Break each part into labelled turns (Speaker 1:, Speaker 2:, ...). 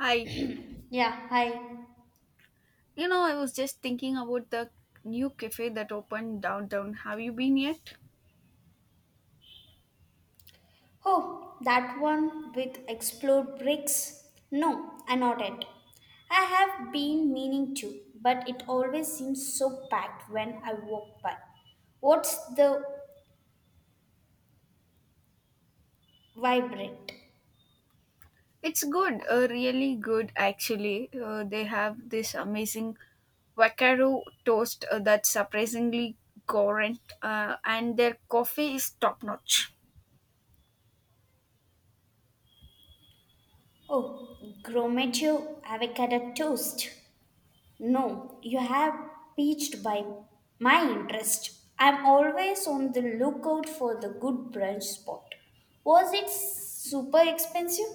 Speaker 1: Hi.
Speaker 2: Yeah, hi.
Speaker 1: You know, I was just thinking about the new cafe that opened downtown. Have you been yet?
Speaker 2: Oh, that one with explode bricks? No, I not it. I have been meaning to, but it always seems so packed when I walk by. What's the vibrant?
Speaker 1: It's good, really good actually. They have this amazing Vaccaro toast that's surprisingly current, and their coffee is top notch.
Speaker 2: Oh, Gromaggio avocado toast. No, you have piqued by my interest. I'm always on the lookout for the good brunch spot. Was it super expensive?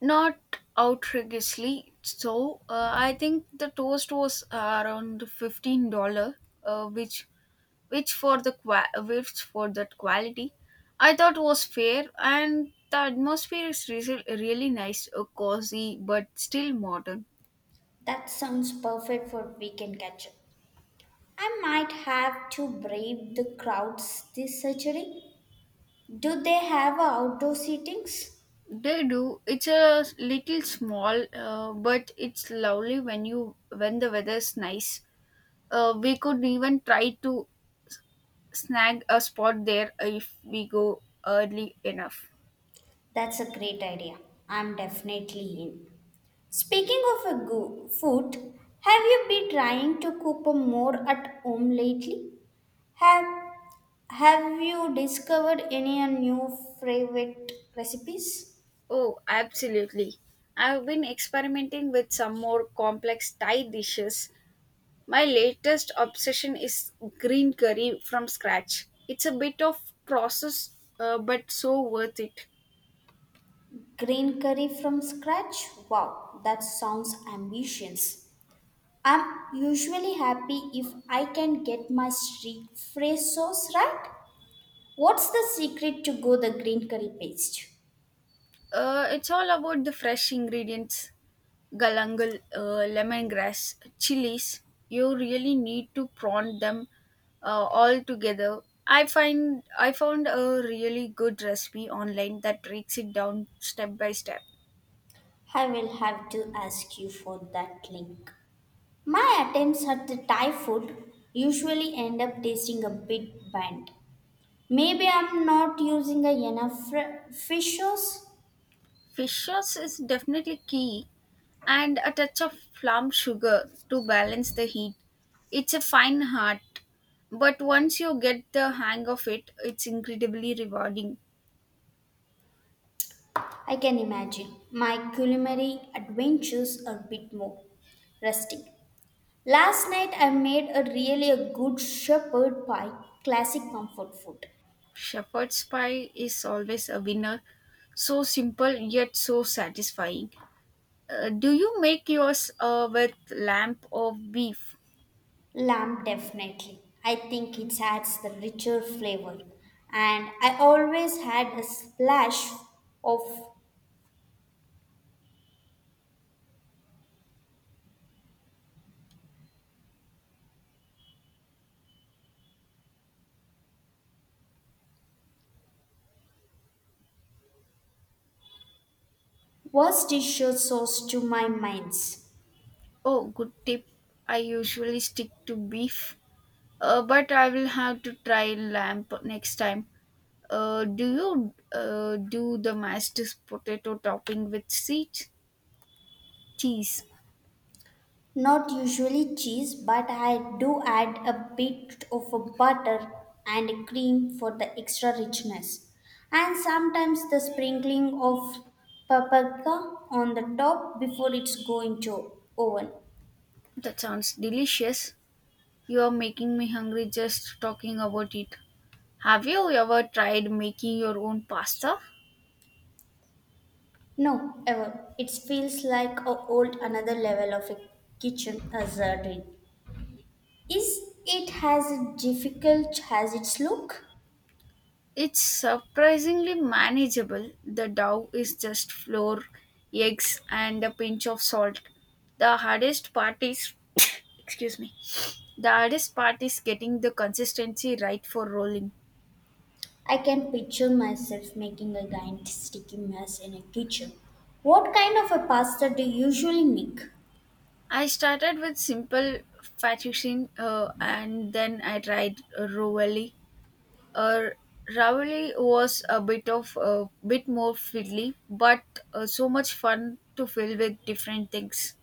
Speaker 1: Not outrageously so. I think the toast was around $15, uh, which which which for that quality I thought was fair, and the atmosphere is really nice, cozy but still modern.
Speaker 2: That sounds perfect for weekend catch up. I might have to brave the crowds this surgery. Do they have outdoor seatings?
Speaker 1: They do. It's a little small, but it's lovely when the weather's nice. We could even try to snag a spot there if we go early enough.
Speaker 2: That's a great idea. I'm definitely in. Speaking of food, have you been trying to cook more at home lately? Have Have you discovered any new favorite recipes?
Speaker 1: Oh, absolutely. I've been experimenting with some more complex Thai dishes. My latest obsession is green curry from scratch. It's a bit of process, but so worth it.
Speaker 2: Green curry from scratch? Wow, that sounds ambitious. I'm usually happy if I can get my streak phrase sauce right. What's the secret to go the green curry paste?
Speaker 1: It's all about the fresh ingredients: galangal, lemongrass, chilies. You really need to prawn them all together. I found a really good recipe online that breaks it down step by step.
Speaker 2: I will have to ask you for that link. My attempts at the Thai food usually end up tasting a bit bland. Maybe I'm not using a enough fish sauce.
Speaker 1: Fish sauce is definitely key, and a touch of plum sugar to balance the heat. It's a fine art, but once you get the hang of it, it's incredibly rewarding.
Speaker 2: I can imagine my culinary adventures are a bit more rustic. Last night I made a really a good shepherd pie, classic comfort food.
Speaker 1: Shepherd's pie is always a winner. So simple yet so satisfying. Do you make yours with lamb or beef?
Speaker 2: Lamb definitely. I think it adds the richer flavor. And I always had a splash of Worcestershire sauce to my minds.
Speaker 1: Oh, good tip. I usually stick to beef. But I will have to try lamp next time. Uh, do you do the mashed potato topping with sweet cheese?
Speaker 2: Not usually cheese, but I do add a bit of a butter and cream for the extra richness. And sometimes the sprinkling of paprika on the top before it's going to oven.
Speaker 1: That sounds delicious. You are making me hungry just talking about it. Have you ever tried making your own pasta?
Speaker 2: No, ever. It feels like a old another level of a kitchen hazard. Is it has a difficult has its look?
Speaker 1: It's surprisingly manageable. The dough is just flour, eggs, and a pinch of salt. The hardest part is, excuse me, the hardest part is getting the consistency right for rolling.
Speaker 2: I can picture myself making a giant sticky mess in a kitchen. What kind of a pasta do you usually make?
Speaker 1: I started with simple fettuccine and then I tried ravioli. Uh, Ravioli was a bit more fiddly, but so much fun to fill with different things.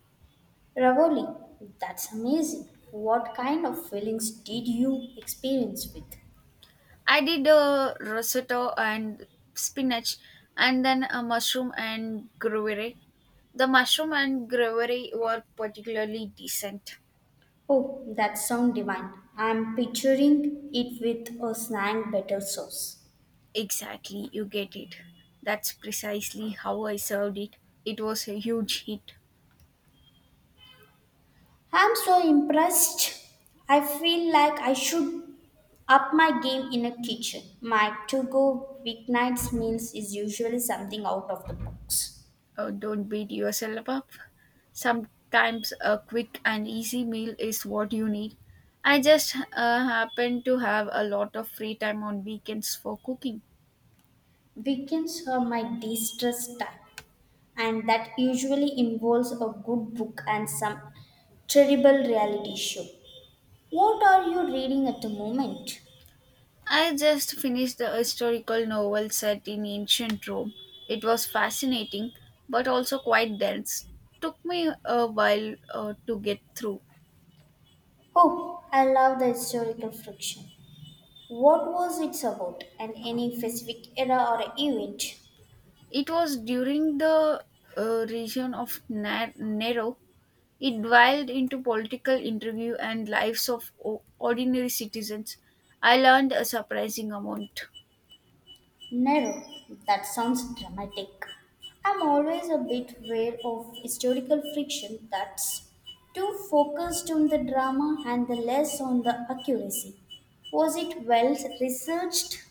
Speaker 2: Ravioli. That's amazing. What kind of feelings did you experience with?
Speaker 1: I did a risotto and spinach, and then a mushroom and gravy. The mushroom and gravy were particularly decent.
Speaker 2: Oh, that sounds divine. I'm picturing it with a snack butter sauce.
Speaker 1: Exactly, you get it. That's precisely how I served it. It was a huge hit.
Speaker 2: I'm so impressed. I feel like I should up my game in a kitchen. My to-go weeknights meals is usually something out of the box.
Speaker 1: Don't beat yourself up. Sometimes a quick and easy meal is what you need. I just happen to have a lot of free time on weekends for cooking.
Speaker 2: Weekends are my de stress time, and that usually involves a good book and some terrible reality show. What are you reading at the moment?
Speaker 1: I just finished the historical novel set in ancient Rome. It was fascinating, but also quite dense. Took me a while to get through.
Speaker 2: Oh, I love the historical fiction. What was it about, and any specific era or event?
Speaker 1: It was during the region of Nero. It dwelled into political intrigue and lives of ordinary citizens. I learned a surprising amount.
Speaker 2: Narrow. That sounds dramatic. I'm always a bit wary of historical fiction that's too focused on the drama and the less on the accuracy. Was it well researched?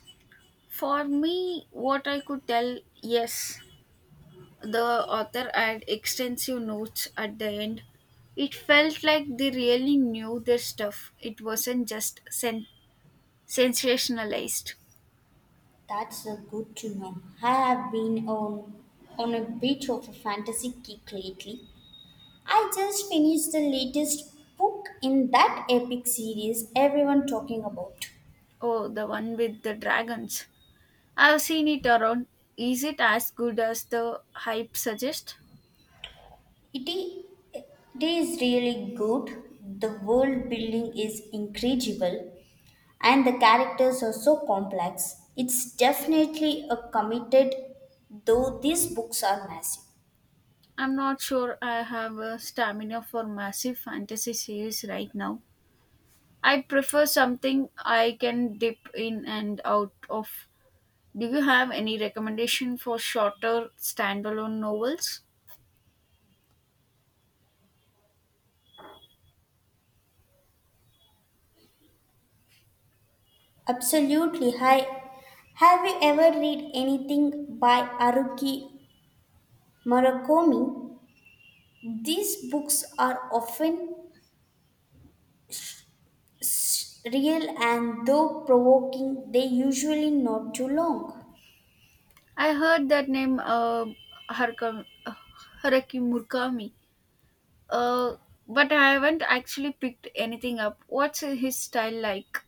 Speaker 1: For me, what I could tell, yes, the author had extensive notes at the end. It felt like they really knew their stuff. It wasn't just sensationalized.
Speaker 2: That's a good to know. I have been on a bit of a fantasy kick lately. I just finished the latest book in that epic series everyone talking about.
Speaker 1: Oh, the one with the dragons. I've seen it around. Is it as good as the hype suggests?
Speaker 2: It i- it is really good. The world building is incredible and the characters are so complex. It's definitely a committed, though these books are massive.
Speaker 1: I'm not sure I have a stamina for massive fantasy series right now. I prefer something I can dip in and out of. Do you have any recommendation for shorter standalone novels?
Speaker 2: Absolutely. Hi. Have you ever read anything by Haruki Murakami? These books are often real and though provoking, they usually not too long.
Speaker 1: I heard that name Haruka, uh, Haruki Murakami, uh, but I haven't actually picked anything up. What's his style like?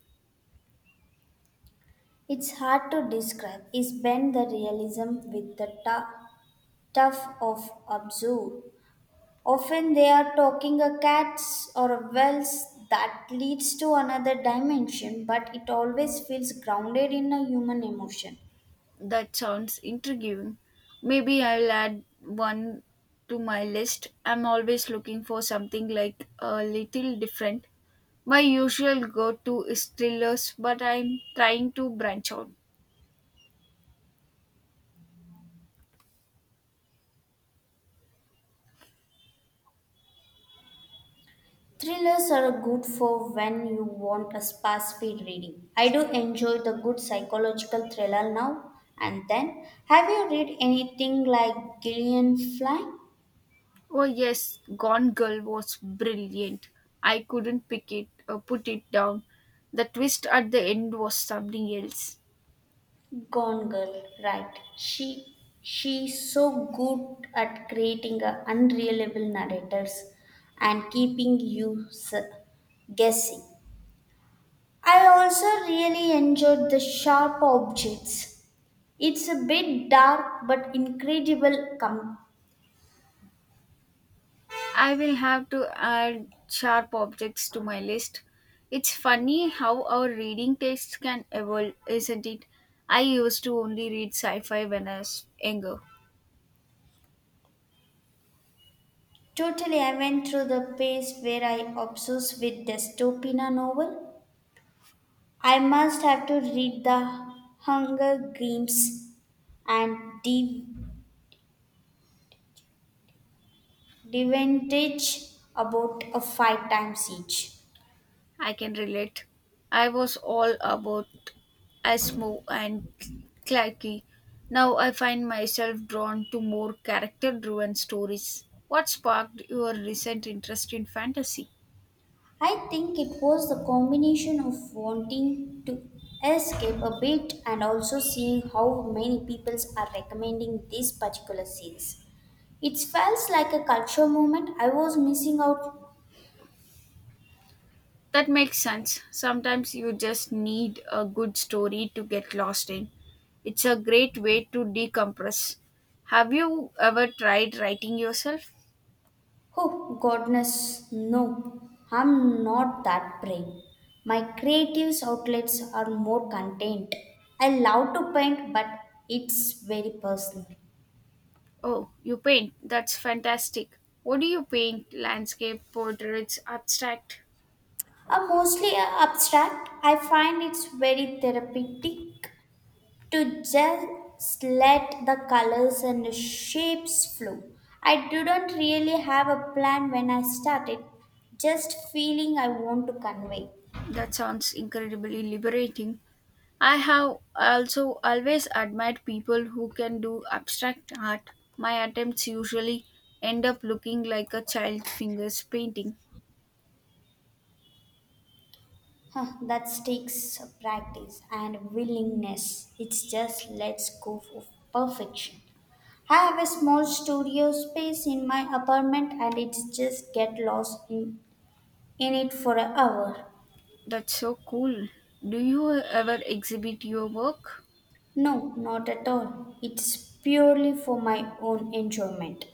Speaker 2: It's hard to describe. Is blend the realism with the tough of absurd. Often they are talking a cats or a wells that leads to another dimension, but it always feels grounded in a human emotion.
Speaker 1: That sounds intriguing. Maybe I'll add one to my list. I'm always looking for something like a little different. My usual go to is thrillers, but I'm trying to branch out.
Speaker 2: Thrillers are good for when you want a fast speed reading. I do enjoy the good psychological thriller now and then. Have you read anything like Gillian Flynn?
Speaker 1: Oh, yes, Gone Girl was brilliant. I couldn't pick it or put it down. The twist at the end was something else.
Speaker 2: Gone Girl, right. She's so good at creating a unreliable narrators and keeping you guessing. I also really enjoyed the sharp objects. It's a bit dark but incredible com-
Speaker 1: I will have to add sharp objects to my list. It's funny how our reading tastes can evolve, isn't it? I used to only read sci fi when I was younger.
Speaker 2: Totally, I went through the phase where I obsessed with dystopia novel. I must have to read the Hunger Games and Deep Advantage about a five times each.
Speaker 1: I can relate. I was all about Asmo and Clarky. Now I find myself drawn to more character driven stories. What sparked your recent interest in fantasy?
Speaker 2: I think it was the combination of wanting to escape a bit and also seeing how many people are recommending this particular series. It felt like a cultural moment I was missing out.
Speaker 1: That makes sense. Sometimes you just need a good story to get lost in. It's a great way to decompress. Have you ever tried writing yourself?
Speaker 2: Oh, goodness, no, I'm not that brave. My creative outlets are more content. I love to paint, but it's very personal.
Speaker 1: Oh, you paint. That's fantastic. What do you paint? Landscape, portraits, abstract?
Speaker 2: Are mostly abstract. I find it's very therapeutic to just let the colors and the shapes flow. I didn't really have a plan when I started, just feeling I want to convey.
Speaker 1: That sounds incredibly liberating. I have also always admired people who can do abstract art. My attempts usually end up looking like a child fingers painting.
Speaker 2: Huh, that takes practice and willingness. It's just let's go for perfection. I have a small studio space in my apartment and it's just get lost in it for an hour.
Speaker 1: That's so cool. Do you ever exhibit your work?
Speaker 2: No, not at all. It's purely for my own enjoyment.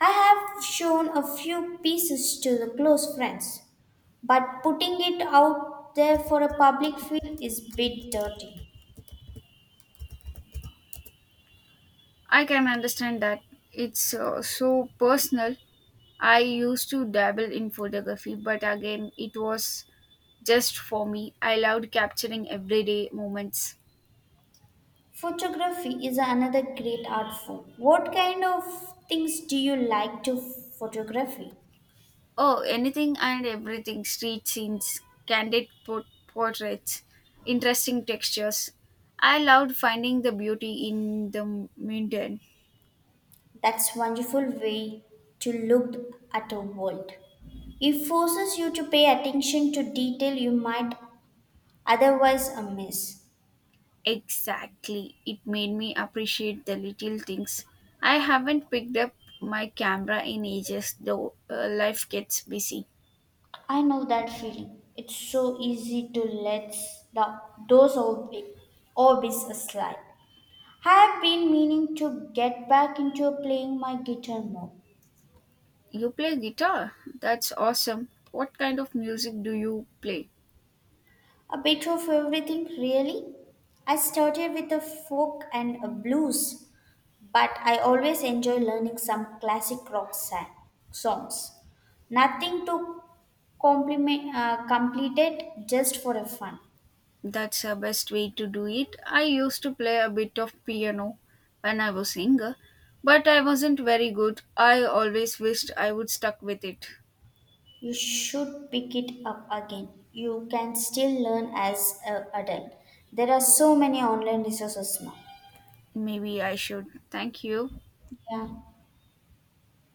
Speaker 2: I have shown a few pieces to the close friends, but putting it out there for a public feel is a bit dirty.
Speaker 1: I can understand that. It's so personal. I used to dabble in photography, but again, it was just for me. I loved capturing everyday moments.
Speaker 2: Photography is another great art form. What kind of things do you like to photography?
Speaker 1: Oh, anything and everything: street scenes, candid portraits, interesting textures. I loved finding the beauty in the mundane.
Speaker 2: That's wonderful way to look at a world. It forces you to pay attention to detail you might otherwise miss.
Speaker 1: Exactly. It made me appreciate the little things. I haven't picked up my camera in ages, though life gets busy.
Speaker 2: I know that feeling. It's so easy to let the, those old big hobbies slide. I have been meaning to get back into playing my guitar more.
Speaker 1: You play guitar? That's awesome. What kind of music do you play?
Speaker 2: A bit of everything, really. I started with a folk and a blues, but I always enjoy learning some classic rock songs. Nothing to complete it just for a fun.
Speaker 1: That's the best way to do it. I used to play a bit of piano when I was younger, but I wasn't very good. I always wished I would stuck with it.
Speaker 2: You should pick it up again. You can still learn as an adult. There are so many online resources now.
Speaker 1: Maybe I should. Thank you.
Speaker 2: Yeah.